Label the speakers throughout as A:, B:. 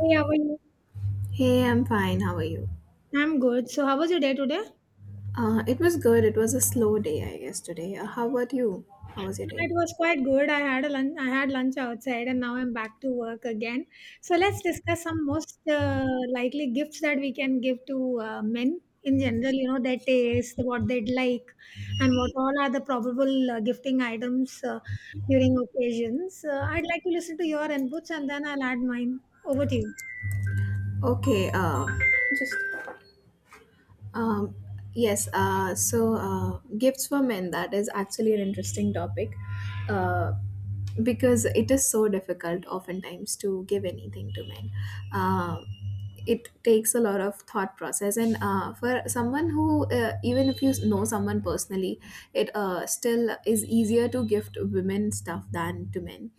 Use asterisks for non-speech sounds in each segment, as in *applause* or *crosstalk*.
A: Hey, how are you?
B: Hey, I'm fine. How are you?
A: I'm good. So, how was your day today?
B: It was good. It was a slow day, I guess, today. How about you? How was your
A: It
B: day?
A: was quite good. I had a lunch. I had lunch outside, and now I'm back to work again. So let's discuss some most likely gifts that we can give to men in general. You know their taste, what they'd like, and what all are the probable gifting items during occasions. I'd like to listen to your inputs, and then I'll add mine. Over to you.
B: Okay, just Um, yes, gifts for men, that is actually an interesting topic uh, because it is so difficult oftentimes to give anything to men. Uh, it takes a lot of thought process and for someone who even if you know someone personally it still is easier to gift women stuff than to men,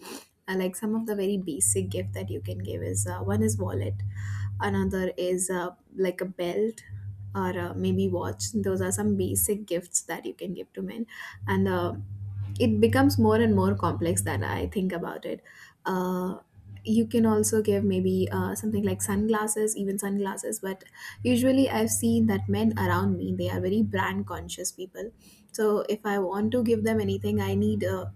B: like some of the very basic gift that you can give is, one is wallet, another is like a belt or maybe watch. Those are some basic gifts that you can give to men, and it becomes more and more complex that I think about it. uh, you can also give maybe something like sunglasses, even sunglasses, but usually I've seen that men around me, they are very brand conscious people. So if I want to give them anything, I need,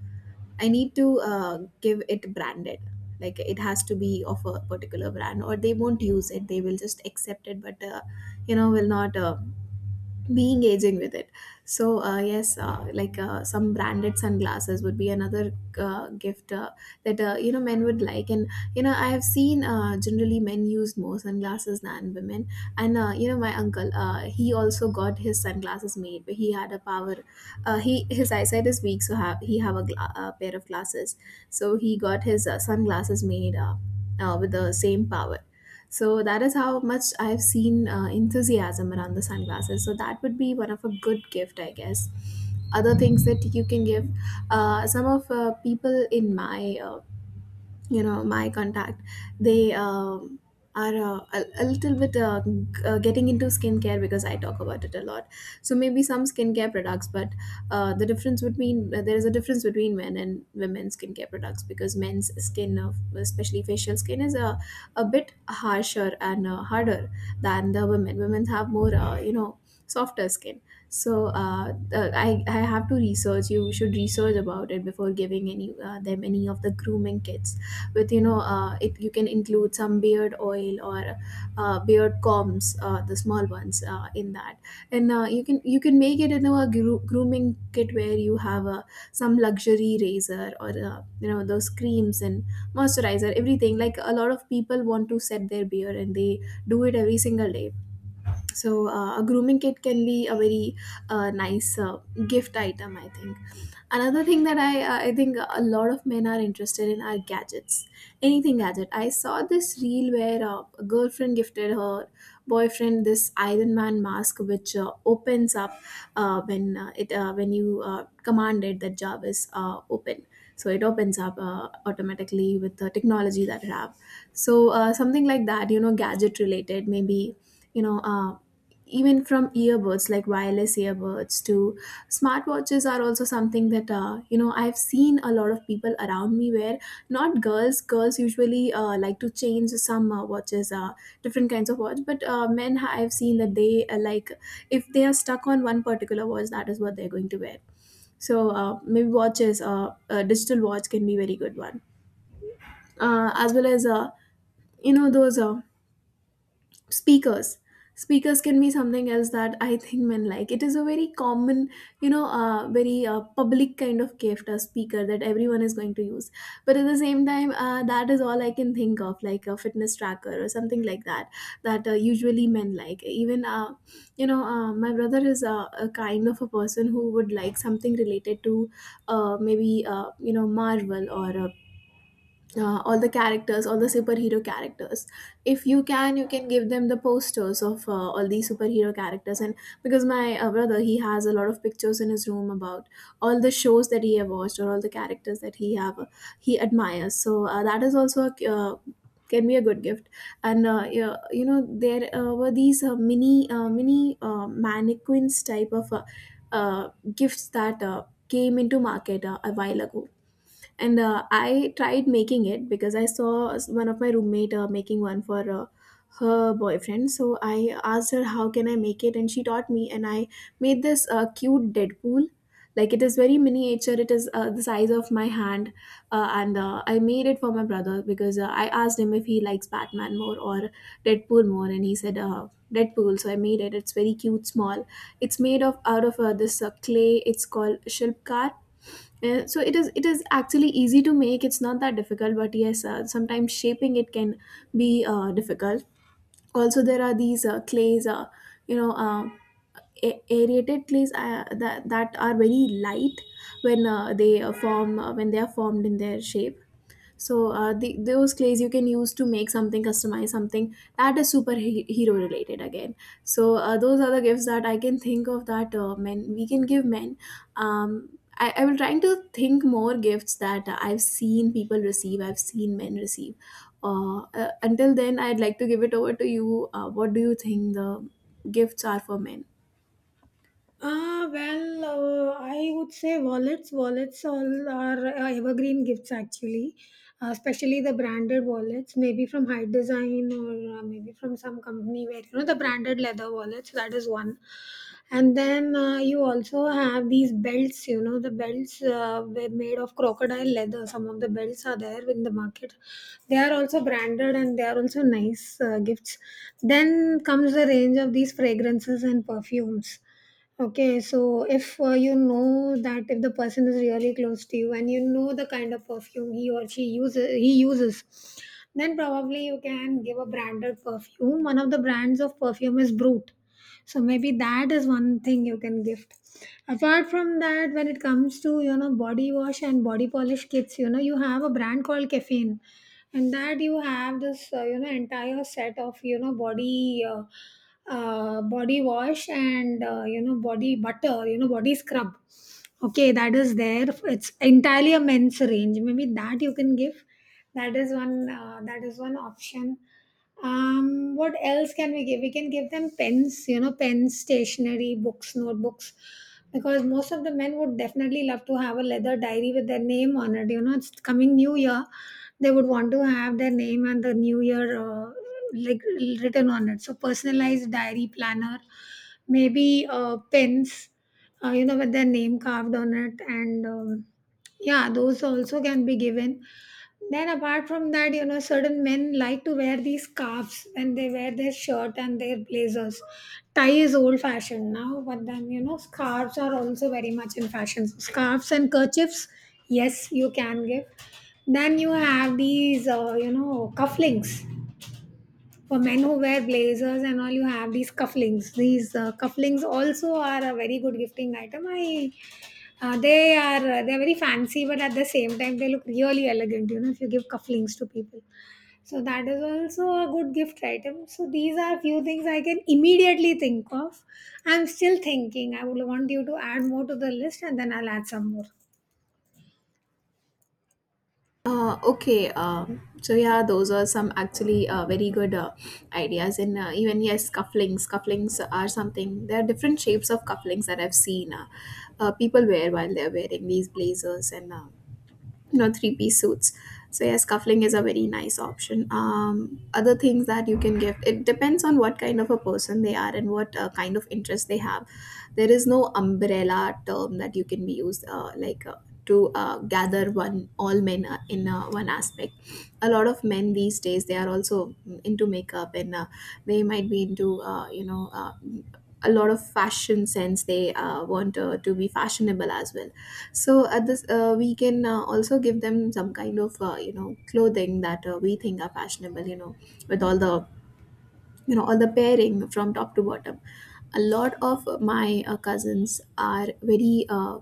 B: I need to give it branded. Like it has to be of a particular brand, or they won't use it. They will just accept it, but will not be engaging with it. So yes, like some branded sunglasses would be another gift that men would like. And you know, I have seen generally men use more sunglasses than women. And my uncle, he also got his sunglasses made, but he had a power. He, his eyesight is weak, so have, he have a, a pair of glasses. So he got his sunglasses made with the same power. So that is how much I've seen enthusiasm around the sunglasses. So that would be one of a good gift, I guess. Other things that you can give, some of people in my, my contact, they are a little bit getting into skincare because I talk about it a lot. So maybe some skincare products, but there is a difference between men and women's skincare products because men's skin, of especially facial skin, is a bit harsher and harder than the women. Women have more, softer skin. So I have to research, you should research about it before giving any them any of the grooming kits. With, it, you can include some beard oil or beard combs, the small ones, in that. And you can, you can make it into a grooming kit where you have a, some luxury razor, or those creams and moisturizer, everything. Like a lot of people want to set their beard, and they do it every single day. So a grooming kit can be a very nice gift item, I think. Another thing that I think a lot of men are interested in are gadgets. Anything gadget. I saw this reel where a girlfriend gifted her boyfriend this Iron Man mask, which opens up when you command it, that Jarvis, open. So it opens up automatically with the technology that it have. So something like that, you know, gadget related, maybe, you know. Even from earbuds, like wireless earbuds to smartwatches, are also something that, I've seen a lot of people around me where, not girls girls usually like to change some watches, different kinds of watch. But men I've seen that they like, if they are stuck on one particular watch, that is what they're going to wear. So maybe watches, a digital watch can be very good one, as well as those speakers. Speakers can be something else that I think men like. It is a very common, very public kind of gift, a speaker that everyone is going to use. But at the same time, that is all I can think of. Like a fitness tracker or something like that, that usually men like. Even, my brother is a kind of a person who would like something related to maybe marvel or all the characters, all the superhero characters. If you can, you can give them the posters of all these superhero characters. And because my brother, he has a lot of pictures in his room about all the shows that he have watched, or all the characters that he have he admires. So that is also a can be a good gift. And yeah, you know, there were these mini mannequins type of uh, gifts that came into market a while ago. And I tried making it because I saw one of my roommate making one for her boyfriend. So I asked her, how can I make it? And she taught me, and I made this cute deadpool. Like it is very miniature, it is the size of my hand. And I made it for my brother because I asked him if he likes batman more or deadpool more, and he said deadpool. So I made it, it's very cute, small. It's made of out of this clay, it's called shilpkar. So it is, it is actually easy to make, it's not that difficult. But yes, sometimes shaping it can be difficult. Also, there are these clays, you know uh, aerated clays that, that are very light when they form, when they are formed in their shape. So the, those clays you can use to make something, customize something that is superhero related again. So those are the gifts that I can think of, that men, we can give men. I will trying to think more gifts that I've seen people receive, I've seen men receive. Until then, I'd like to give it over to you. What do you think the gifts are for men?
A: Ah, well, I would say wallets. Wallets all are evergreen gifts actually, especially the branded wallets, maybe from High Design or maybe from some company where you know the branded leather wallets. That is one, and then you also have these belts. You know the belts were made of crocodile leather. Some of the belts are there in the market. They are also branded and they are also nice gifts. Then comes the range of these fragrances and perfumes. Okay, so if you know that if the person is really close to you and you know the kind of perfume he uses, then probably you can give a branded perfume. One of the brands of perfume is Brute, so maybe that is one thing you can gift. Apart from that, when it comes to you know body wash and body polish kits, you know you have a brand called Caffeine, and that you have this you know entire set of you know body wash and you know body butter, you know, body scrub, okay, that is there. It's entirely a men's range, maybe that you can give. That is one, that is one option. Um, what else can we give? We can give them pens, you know, pens, stationery, books, notebooks, because most of the men would definitely love to have a leather diary with their name on it. You know, it's coming new year, they would want to have their name and the new year like written on it. So personalized diary, planner, maybe pens you know, with their name carved on it. And yeah, those also can be given. Then apart from that, you know, certain men like to wear these scarves when they wear their shirt and their blazers. Tie is old fashioned now, but then you know scarves are also very much in fashion. So, scarves and kerchiefs, yes, you can give. Then you have these, you know, cufflinks for men who wear blazers and all. You have these cufflinks. These cufflinks also are a very good gifting item. They are very fancy, but at the same time they look really elegant. You know, if you give cufflinks to people, so that is also a good gift item. So these are few things I can immediately think of. I'm still thinking. I would want you to add more to the list, and then I'll add some more.
B: Okay, so yeah, those are some actually very good ideas. And even yes, cufflinks. Cufflinks are something. There are different shapes of cufflinks that I've seen people wear while they're wearing these blazers, and three-piece suits. So yeah, scuffling is a very nice option. Other things that you can gift, it depends on what kind of a person they are, and what kind of interest they have. There is no umbrella term that you can be used, to gather one, all men in one aspect. A lot of men these days, they are also into makeup. And they might be into a lot of fashion sense, they want to be fashionable as well. So at this, we can also give them some kind of, clothing that we think are fashionable, you know, with all the, you know, or the pairing from top to bottom. A lot of my cousins are very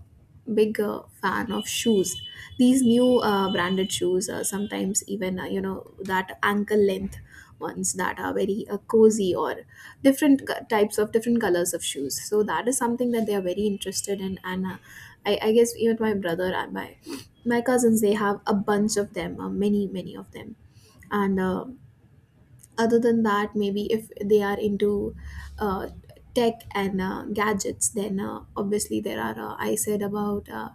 B: big fan of shoes. These new branded shoes, sometimes even, that ankle length ones that are very cozy, or different types of different colors of shoes. So that is something that they are very interested in. And I guess even my brother and my cousins, they have a bunch of them, many, many of them. And other than that, maybe if they are into uh, tech and gadgets, then obviously there are, I said about uh,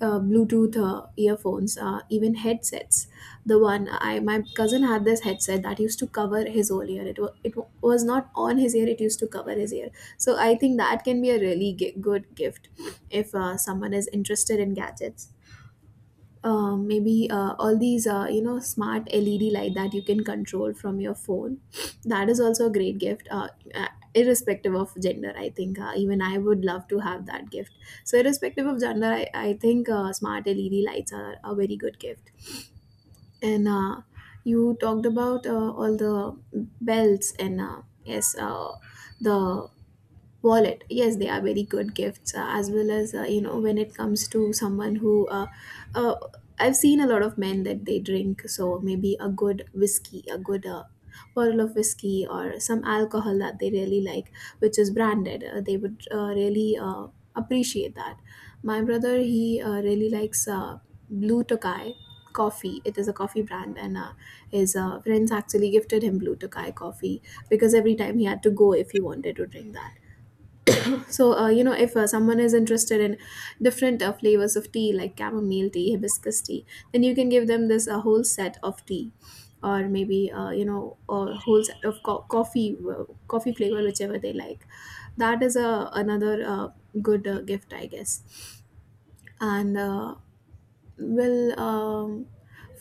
B: uh, bluetooth earphones, even headsets. The one I my cousin had, this headset that used to cover his whole ear, it, was not on his ear, it used to cover his ear. So I think that can be a really good gift if someone is interested in gadgets. Maybe all these, smart led light that you can control from your phone, that is also a great gift. Uh, Irrespective of gender, I think, even I would love to have that gift. So irrespective of gender, I think smart led lights are a very good gift. And you talked about all the belts, and yes, the wallet, yes, they are very good gifts As well as you know, when it comes to someone who uh, I've seen a lot of men that they drink, so maybe a good whiskey, a good bottle of whiskey or some alcohol that they really like, which is branded, they would really appreciate that. My brother, he really likes Blue Tokai coffee. It is a coffee brand, and his friends actually gifted him Blue Tokai coffee because every time he had to go if he wanted to drink that. So, if someone is interested in different flavors of tea, like chamomile tea, hibiscus tea, then you can give them this, a whole set of tea, or maybe, a whole set of coffee, coffee flavor, whichever they like. That is a another good gift, I guess. And well, um,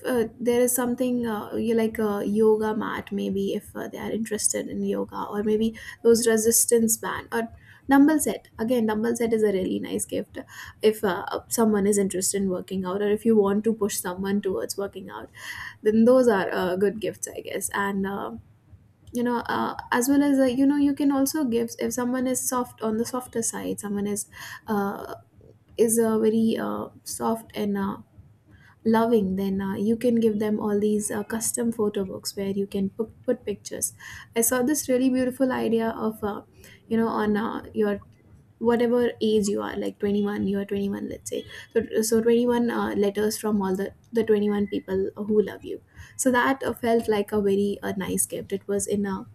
B: there is something you, like a yoga mat maybe, if they are interested in yoga, or maybe those resistance band or dumbbell set. Again, dumbbell set is a really nice gift if someone is interested in working out, or if you want to push someone towards working out, then those are good gifts, I guess. And as well as, you know, you can also give if someone is soft, on the softer side, someone is uh, very soft and loving, then you can give them all these custom photo books where you can put pictures. I saw this really beautiful idea of, on your whatever age you are, like 21, you are 21, let's say, so 21 letters from all the 21 people who love you. So that felt like a very nice gift. It was in a,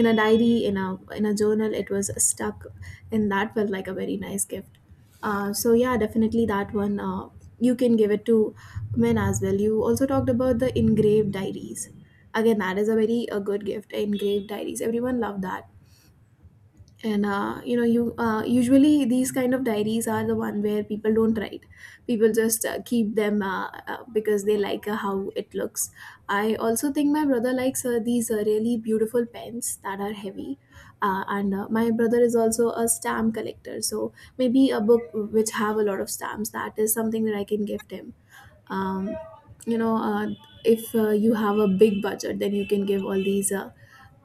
B: in a diary, in a, in a journal it was stuck, and that felt like a very nice gift. So yeah, definitely that one you can give it to men as well. You also talked about the engraved diaries. Again, that is a very a good gift. Engraved diaries, everyone loved that. And you know, you usually these kind of diaries are the one where people don't write, people just keep them because they like how it looks. I also think my brother likes these really beautiful pens that are heavy. And my brother is also a stamp collector, so maybe a book which have a lot of stamps, that is something that I can gift him. Um, you know uh, if you have a big budget, then you can give all these uh,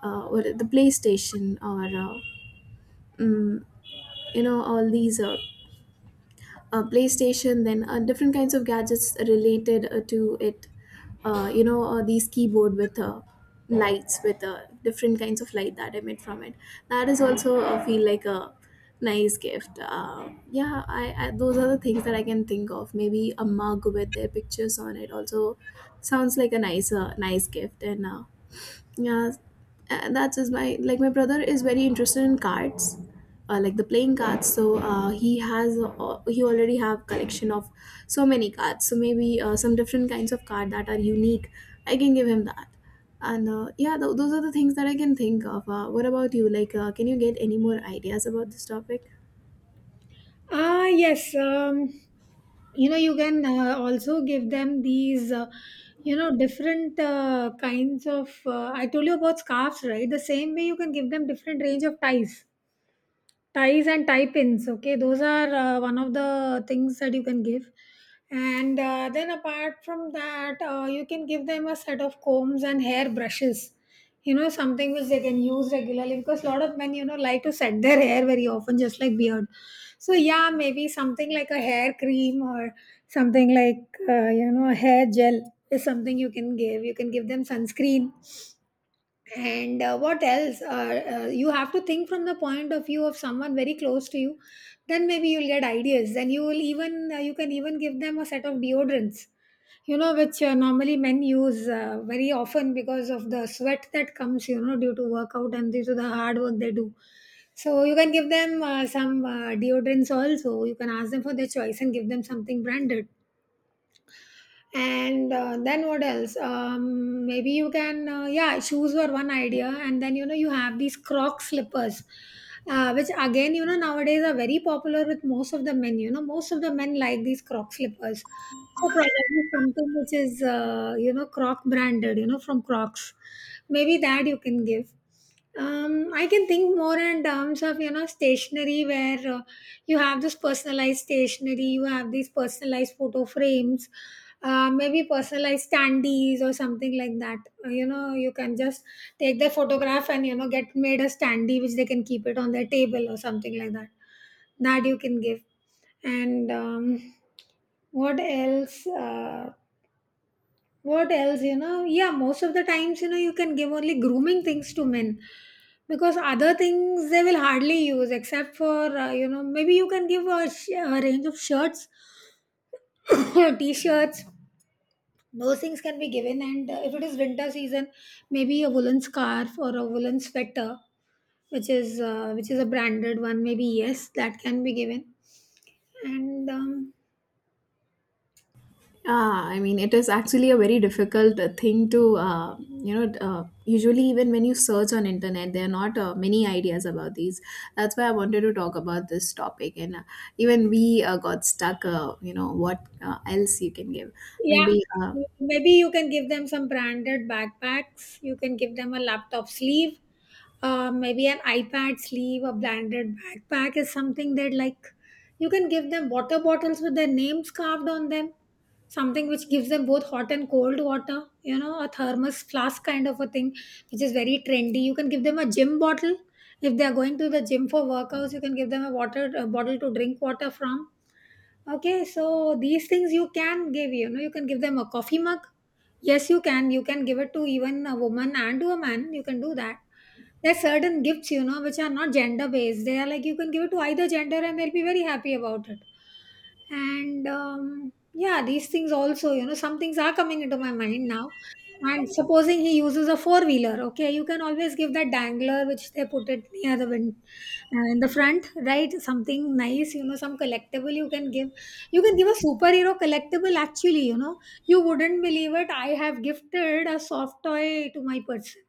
B: uh, what, the PlayStation, or mm, all these PlayStation, then different kinds of gadgets related to it. You know, these keyboard with lights, with different kinds of light that emit from it, that is also feel like a nice gift. Yeah, I, those are the things that I can think of. Maybe a mug with their pictures on it also sounds like a nice nice gift. And yeah, that's just my, like my brother is very interested in cards, like the playing cards. So he already have collection of so many cards, so maybe some different kinds of card that are unique, I can give him that. And yeah, those are the things that I can think of. What about you? Like, can you get any more ideas about this topic?
A: Ah, yes. You know, you can also give them these, you know, different kinds of. I told you about scarves, right? The same way you can give them different range of ties and tie pins. Okay, those are one of the things that you can give. And then apart from that, you can give them a set of combs and hair brushes, you know, something which they can use regularly, because a lot of men, you know, like to set their hair very often, just like beard. So yeah, maybe something like a hair cream, or something like you know, a hair gel is something you can give. You can give them sunscreen. And what else you have to think from the point of view of someone very close to you, then maybe you'll get ideas. Then you will even you can even give them a set of deodorants, you know, which normally men use very often because of the sweat that comes, you know, due to workout and due to the hard work they do. So you can give them some deodorants also. You can ask them for their choice and give them something branded. And then what else? Um, maybe you can yeah, shoes were one idea. And then, you know, you have these croc slippers, which again, you know, nowadays are very popular with most of the men. You know, most of the men like these croc slippers, so probably something which is you know, croc branded, you know, from crocs, maybe that you can give. Um, I can think more in terms of, you know, stationery, where you have this personalized stationery, you have these personalized photo frames, maybe personalized standees or something like that. You know, you can just take their photograph and, you know, get made a standee which they can keep it on their table or something like that. That you can give. And what else? What else? You know, yeah. Most of the times, you know, you can give only grooming things to men, because other things they will hardly use, except for you know, maybe you can give a range of shirts, *coughs* t-shirts, those things can be given. And if it is winter season, maybe a woolen scarf or a woolen sweater which is a branded one, maybe, yes, that can be given. And
B: Ah, I mean, it is actually a very difficult thing to, usually even when you search on internet, there are not many ideas about these. That's why I wanted to talk about this topic. And even we got stuck, what else you can give.
A: yeah,
B: Maybe
A: maybe you can give them some branded backpacks. You can give them a laptop sleeve, maybe an iPad sleeve. A branded backpack is something that, like, you can give them water bottles with their names carved on them, something which gives them both hot and cold water, you know, a thermos flask kind of a thing, which is very trendy. You can give them a gym bottle if they are going to the gym for workouts. You can give them a water, a bottle to drink water from. Okay, so these things you can give. You know, you can give them a coffee mug. Yes, you can, you can give it to even a woman and to a man. You can do that. There's certain gifts, you know, which are not gender based. They are like you can give it to either gender and they'll be very happy about it. And yeah, these things also, you know, some things are coming into my mind now. And supposing he uses a four wheeler, okay, you can always give that dangler which they put it near the wind, in the front, right? Something nice, you know, some collectible you can give. You can give a superhero collectible, actually, you know. You wouldn't believe it. I have gifted a soft toy to my person.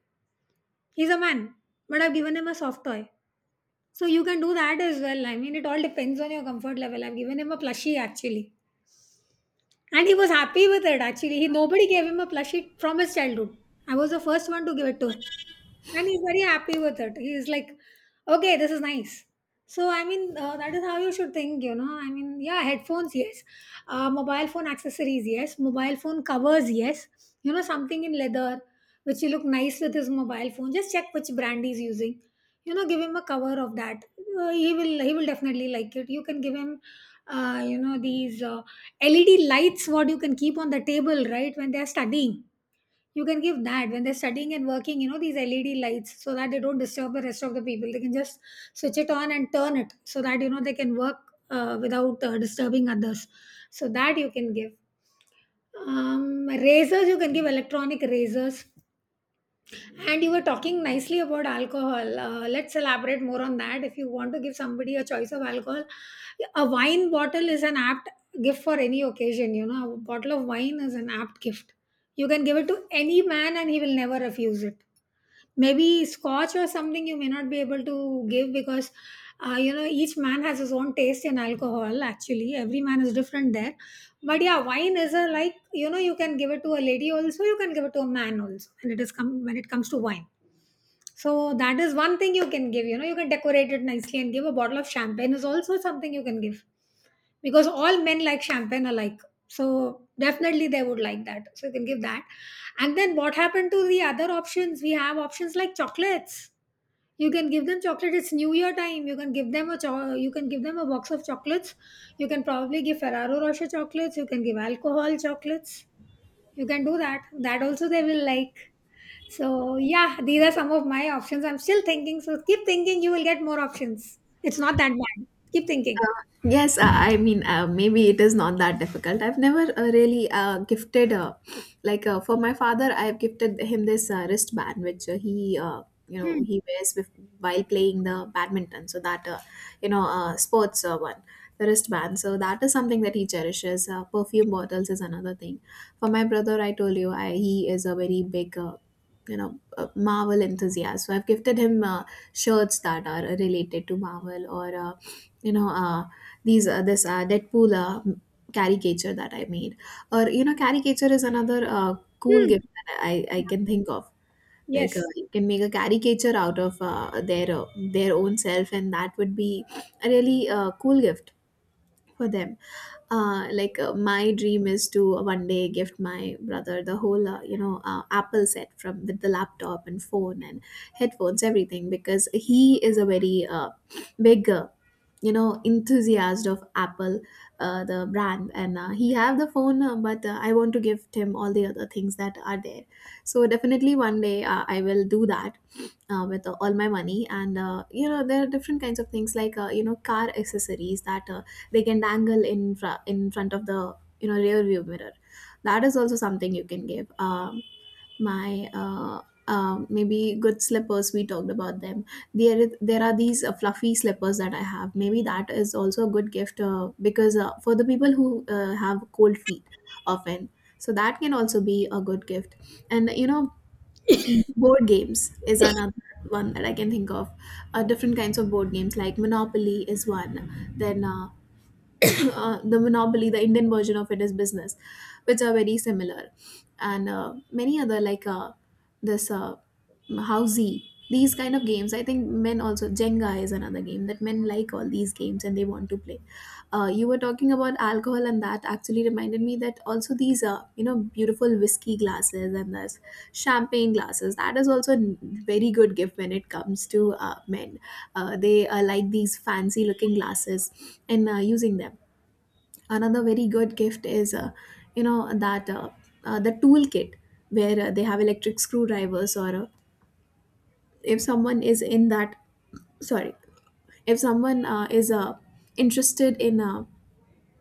A: He's a man, but I've given him a soft toy. So you can do that as well. I mean, it all depends on your comfort level. I've given him a plushie actually, and he was happy with it actually. He, nobody gave him a plushie from his childhood. I was the first one to give it to him, and he's very happy with it. He's like, okay, this is nice. So I mean, that is how you should think, you know. I mean, yeah, headphones, yes, mobile phone accessories, yes, mobile phone covers, yes, you know, something in leather which will look nice with his mobile phone. Just check which brand he's using, you know, give him a cover of that. He will, he will definitely like it. You can give him you know, these led lights, what you can keep on the table, right, when they are studying. You can give that when they're studying and working, you know, these led lights, so that they don't disturb the rest of the people. They can just switch it on and turn it, so that, you know, they can work without disturbing others. So that you can give. Um, razors, you can give electronic razors. And you were talking nicely about alcohol. Let's elaborate more on that. If you want to give somebody a choice of alcohol, a wine bottle is an apt gift for any occasion. You know, a bottle of wine is an apt gift. You can give it to any man and he will never refuse it. Maybe scotch or something you may not be able to give because, you know, each man has his own taste in alcohol, actually. Every man is different there. But yeah, wine is a, like, you know, you can give it to a lady also, you can give it to a man also. And it comes to wine, so that is one thing you can give. You know, you can decorate it nicely and give a bottle of champagne is also something you can give, because all men like champagne alike. So definitely they would like that. So you can give that. And then what happened to the other options? We have options like chocolates. You can give them chocolate. It's New Year time. You can give them you can give them a box of chocolates. You can probably give Ferrero Rocher chocolates. You can give alcohol chocolates. You can do that. That also they will like. So yeah, these are some of my options. I'm still thinking. So keep thinking. You will get more options. It's not that bad. Keep thinking.
B: Yes, I mean, maybe it is not that difficult. I've never really gifted, like for my father, I've gifted him this wristband, which
A: Hmm.
B: he wears with, while playing the badminton. So that, sports one, the wristband. So that is something that he cherishes. Perfume bottles is another thing. For my brother, I told you, I, he is a very big. You know, a Marvel enthusiast. So I've gifted him shirts that are related to Marvel, or you know uh, these this Deadpool caricature that I made. Or, you know, caricature is another cool
A: Hmm.
B: gift that I
A: Yeah.
B: can think of. Like,
A: Yes.
B: you can make a caricature out of their own self, and that would be a really cool gift for them. Like, my dream is to one day gift my brother the whole, Apple set, from with the laptop and phone and headphones, everything, because he is a very big you know, enthusiast of Apple, the brand. And he have the phone, but I want to gift him all the other things that are there, so definitely one day I will do that with all my money. And you know, there are different kinds of things like, you know, car accessories that they can dangle in in front of the, you know, rear view mirror. That is also something you can give. My Maybe good slippers, we talked about them. There are these fluffy slippers that I have, maybe that is also a good gift, because for the people who have cold feet often, so that can also be a good gift. And you know, board games is another one that I can think of. Different kinds of board games, like Monopoly is one. Then *coughs* *clears throat* the Monopoly, the Indian version of it, is Business, which are very similar. And many other, like this Housey, these kind of games, I think men also, Jenga is another game that men like, all these games, and they want to play. You were talking about alcohol, and that actually reminded me that also these, you know, beautiful whiskey glasses and this champagne glasses, that is also a very good gift when it comes to men. They like these fancy looking glasses and using them. Another very good gift is you know, that the toolkit, where they have electric screwdrivers, or if someone is in that, sorry, if someone is interested in, uh,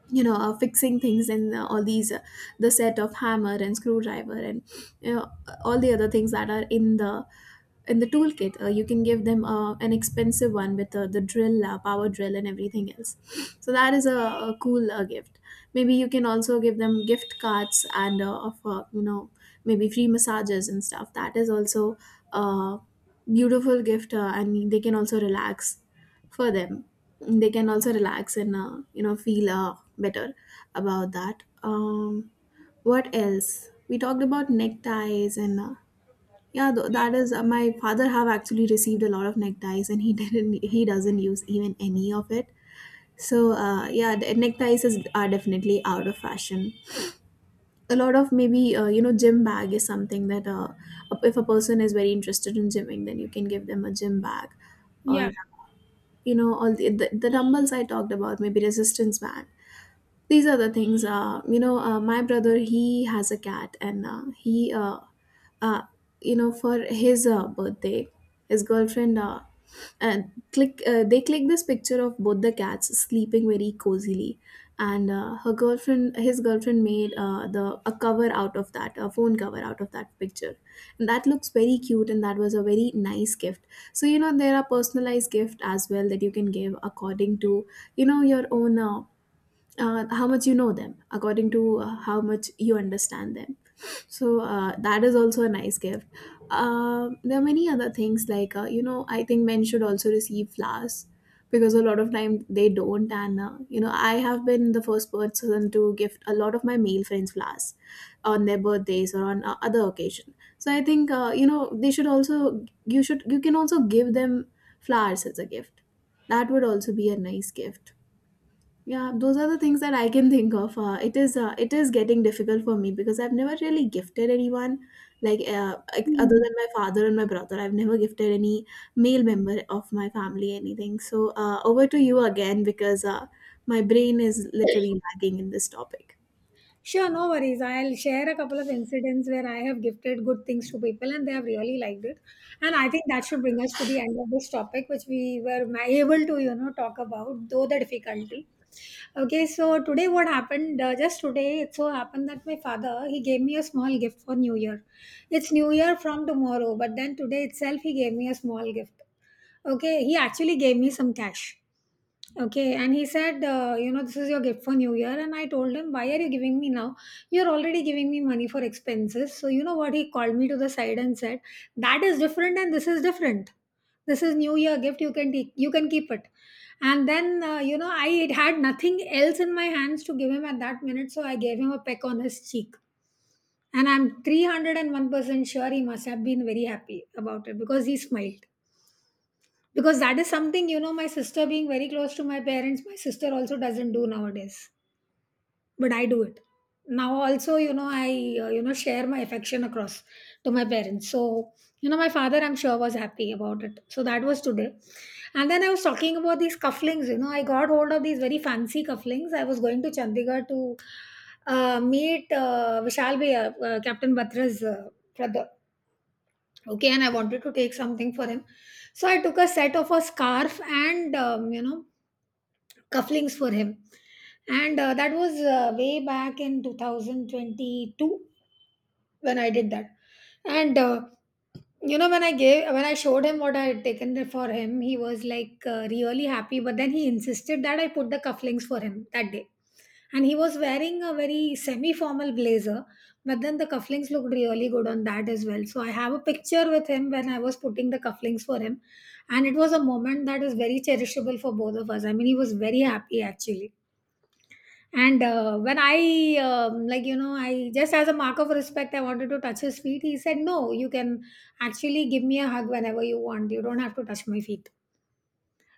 B: you know uh, fixing things, in all these the set of hammer and screwdriver, and you know, all the other things that are in the, in the toolkit, you can give them an expensive one with the drill, power drill and everything else. *sniffs* So that is a cool gift. Maybe you can also give them gift cards, and of you know maybe free massages and stuff. That is also a beautiful gift, and they can also relax, for them, they can also relax and you know, feel better about that. What else? We talked about neckties, and yeah, that is, my father have actually received a lot of neckties, and he *laughs* didn't, he doesn't use even any of it. So yeah, the neckties are definitely out of fashion. A lot of, maybe, you know, gym bag is something that if a person is very interested in gymming, then you can give them a gym bag,
A: Yeah.
B: or, you know, all the, the dumbbells I talked about, maybe resistance band. These are the things, you know, my brother, he has a cat, and he uh, you know for his birthday, his girlfriend and click they click this picture of both the cats sleeping very cozily. And her girlfriend his girlfriend made the a cover out of that, a phone cover out of that picture, and that looks very cute, and that was a very nice gift. So you know, there are personalized gift as well that you can give according to, you know, your own how much you know them, according to how much you understand them. So that is also a nice gift. There are many other things, like, you know, I think men should also receive flowers, because a lot of time they don't. And you know, I have been the first person to gift a lot of my male friends flowers on their birthdays, or on other occasion. So I think, they should also, you should, you can also give them flowers as a gift. That would also be a nice gift. Yeah, those are the things that I can think of. It is getting difficult for me, because I've never really gifted anyone, like, like, other
A: Hmm.
B: than my father and my brother, I've never gifted any male member of my family anything. So over to you again, because my brain is literally lagging in this topic.
A: Sure, no worries. I'll share a couple of incidents where I have gifted good things to people and they have really liked it. And I think that should bring us to the end of this topic, which we were able to, you know, talk about, though the difficulty. Okay, so today what happened, just today, it so happened that my father, he gave me a small gift for New Year. It's New Year from tomorrow, but then today itself, he gave me a small gift. Okay, he actually gave me some cash. Okay, and he said, you know, this is your gift for New Year. And I told him, why are you giving me now? You're already giving me money for expenses. So, you know what? He called me to the side and said, that is different and this is different. This is New Year gift. You can take, you can keep it. And then, you know, I had nothing else in my hands to give him at that minute. So I gave him a peck on his cheek. And I'm 301% sure he must have been very happy about it because he smiled, because that is something, you know, my sister being very close to my parents, my sister also doesn't do nowadays, but I do it now also. You know, I you know, share my affection across to my parents. So you know, my father, I'm sure, was happy about it. So that was today. And then I was talking about these cufflinks. You know, I got hold of these very fancy cufflinks. I was going to Chandigarh to meet Vishal Bhaiya, Captain Batra's brother. Okay, and I wanted to take something for him. So I took a set of a scarf and, you know, cufflinks for him. And that was way back in 2022, when I did that. And You know, when I showed him what I had taken for him, he was like, really happy, but then he insisted that I put the cufflinks for him that day. And he was wearing a very semi formal blazer, but then the cufflinks looked really good on that as well. So I have a picture with him when I was putting the cufflinks for him. And it was a moment that is very cherishable for both of us. I mean, he was very happy actually. And when I, like, you know, I just, as a mark of respect, I wanted to touch his feet. He said, no, you can actually give me a hug whenever you want. You don't have to touch my feet.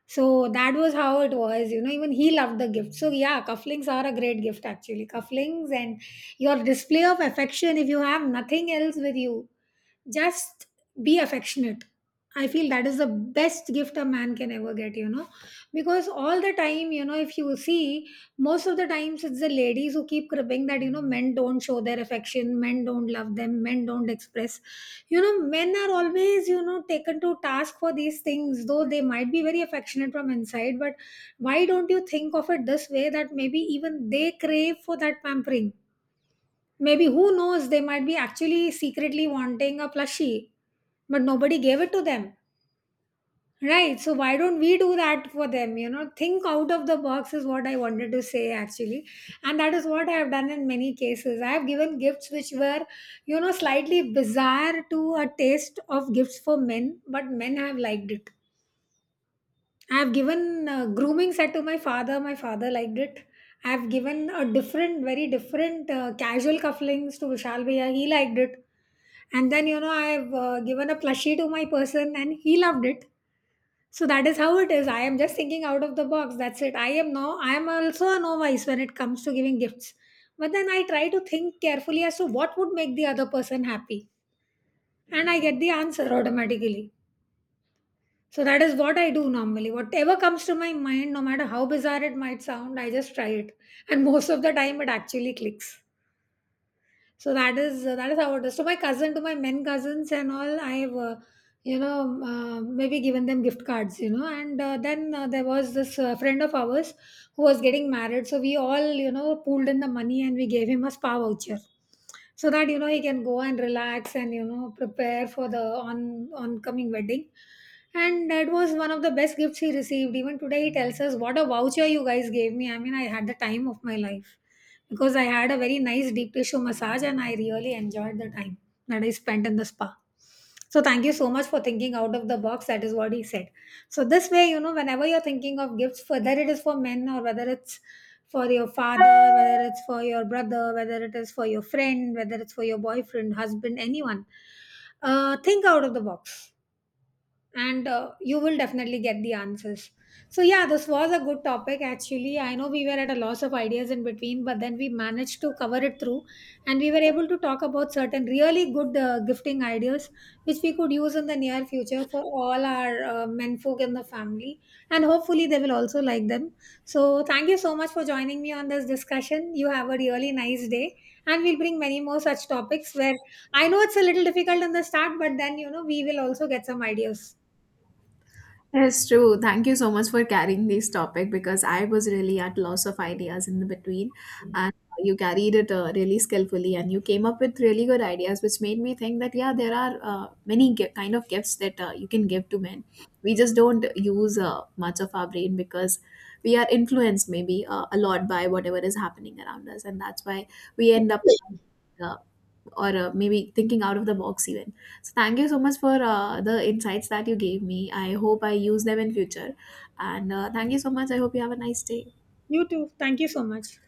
A: So that was how it was. You know, even he loved the gift. So yeah, cufflinks are a great gift actually. Cufflinks and your display of affection, if you have nothing else with you, just be affectionate. I feel that is the best gift a man can ever get, you know, because all the time, you know, if you see, most of the times it's the ladies who keep cribbing that, you know, men don't show their affection, men don't love them, men don't express, you know, men are always, you know, taken to task for these things, though they might be very affectionate from inside. But why don't you think of it this way, that maybe even they crave for that pampering? Maybe, who knows, they might be actually secretly wanting a plushie, but nobody gave it to them. Right. So why don't we do that for them? You know, think out of the box is what I wanted to say actually. And that is what I have done in many cases. I have given gifts which were, you know, slightly bizarre to a taste of gifts for men, but men have liked it. I have given a grooming set to my father. My father liked it. I have given a different, very different, casual cufflinks to Vishal Bhaiya. He liked it. And then, you know, I have given a plushie to my person and he loved it. So that is how it is. I am just thinking out of the box. That's it. I am no I am also a novice when it comes to giving gifts. But then I try to think carefully as to what would make the other person happy. And I get the answer automatically. So that is what I do normally. Whatever comes to my mind, no matter how bizarre it might sound, I just try it. And most of the time it actually clicks. So that is how it is. To my cousin, to my men cousins and all, I've you know, maybe given them gift cards, you know. And then there was this friend of ours who was getting married, so we all, you know, pooled in the money and we gave him a spa voucher, so that, you know, he can go and relax and, you know, prepare for the on oncoming wedding. And that was one of the best gifts he received. Even today he tells us, what a voucher you guys gave me. I mean, I had the time of my life because I had a very nice deep tissue massage and I really enjoyed the time that I spent in the spa. So thank you so much for thinking out of the box. That is what he said. So this way, you know, whenever you're thinking of gifts, whether it is for men or whether it's for your father, whether it's for your brother, whether it is for your friend, whether it's for your boyfriend, husband, anyone, think out of the box, and you will definitely get the answers. So, yeah, this was a good topic actually. I know we were at a loss of ideas in between, but then we managed to cover it through, and we were able to talk about certain really good gifting ideas which we could use in the near future for all our men folk in the family. And hopefully, they will also like them. So, thank you so much for joining me on this discussion. You have a really nice day, and we'll bring many more such topics where, I know, it's a little difficult in the start, but then, you know, we will also get some ideas.
B: It's true. Thank you so much for carrying this topic, because I was really at loss of ideas in the between, and you carried it really skillfully, and you came up with really good ideas, which made me think that yeah, there are kind of gifts that you can give to men. We just don't use much of our brain because we are influenced maybe a lot by whatever is happening around us, and that's why we end up. Uh, or maybe thinking out of the box, even. So thank you so much for the insights that you gave me. I hope I use them in future. And thank you so much. I hope you have a nice day.
A: You too. Thank you so much.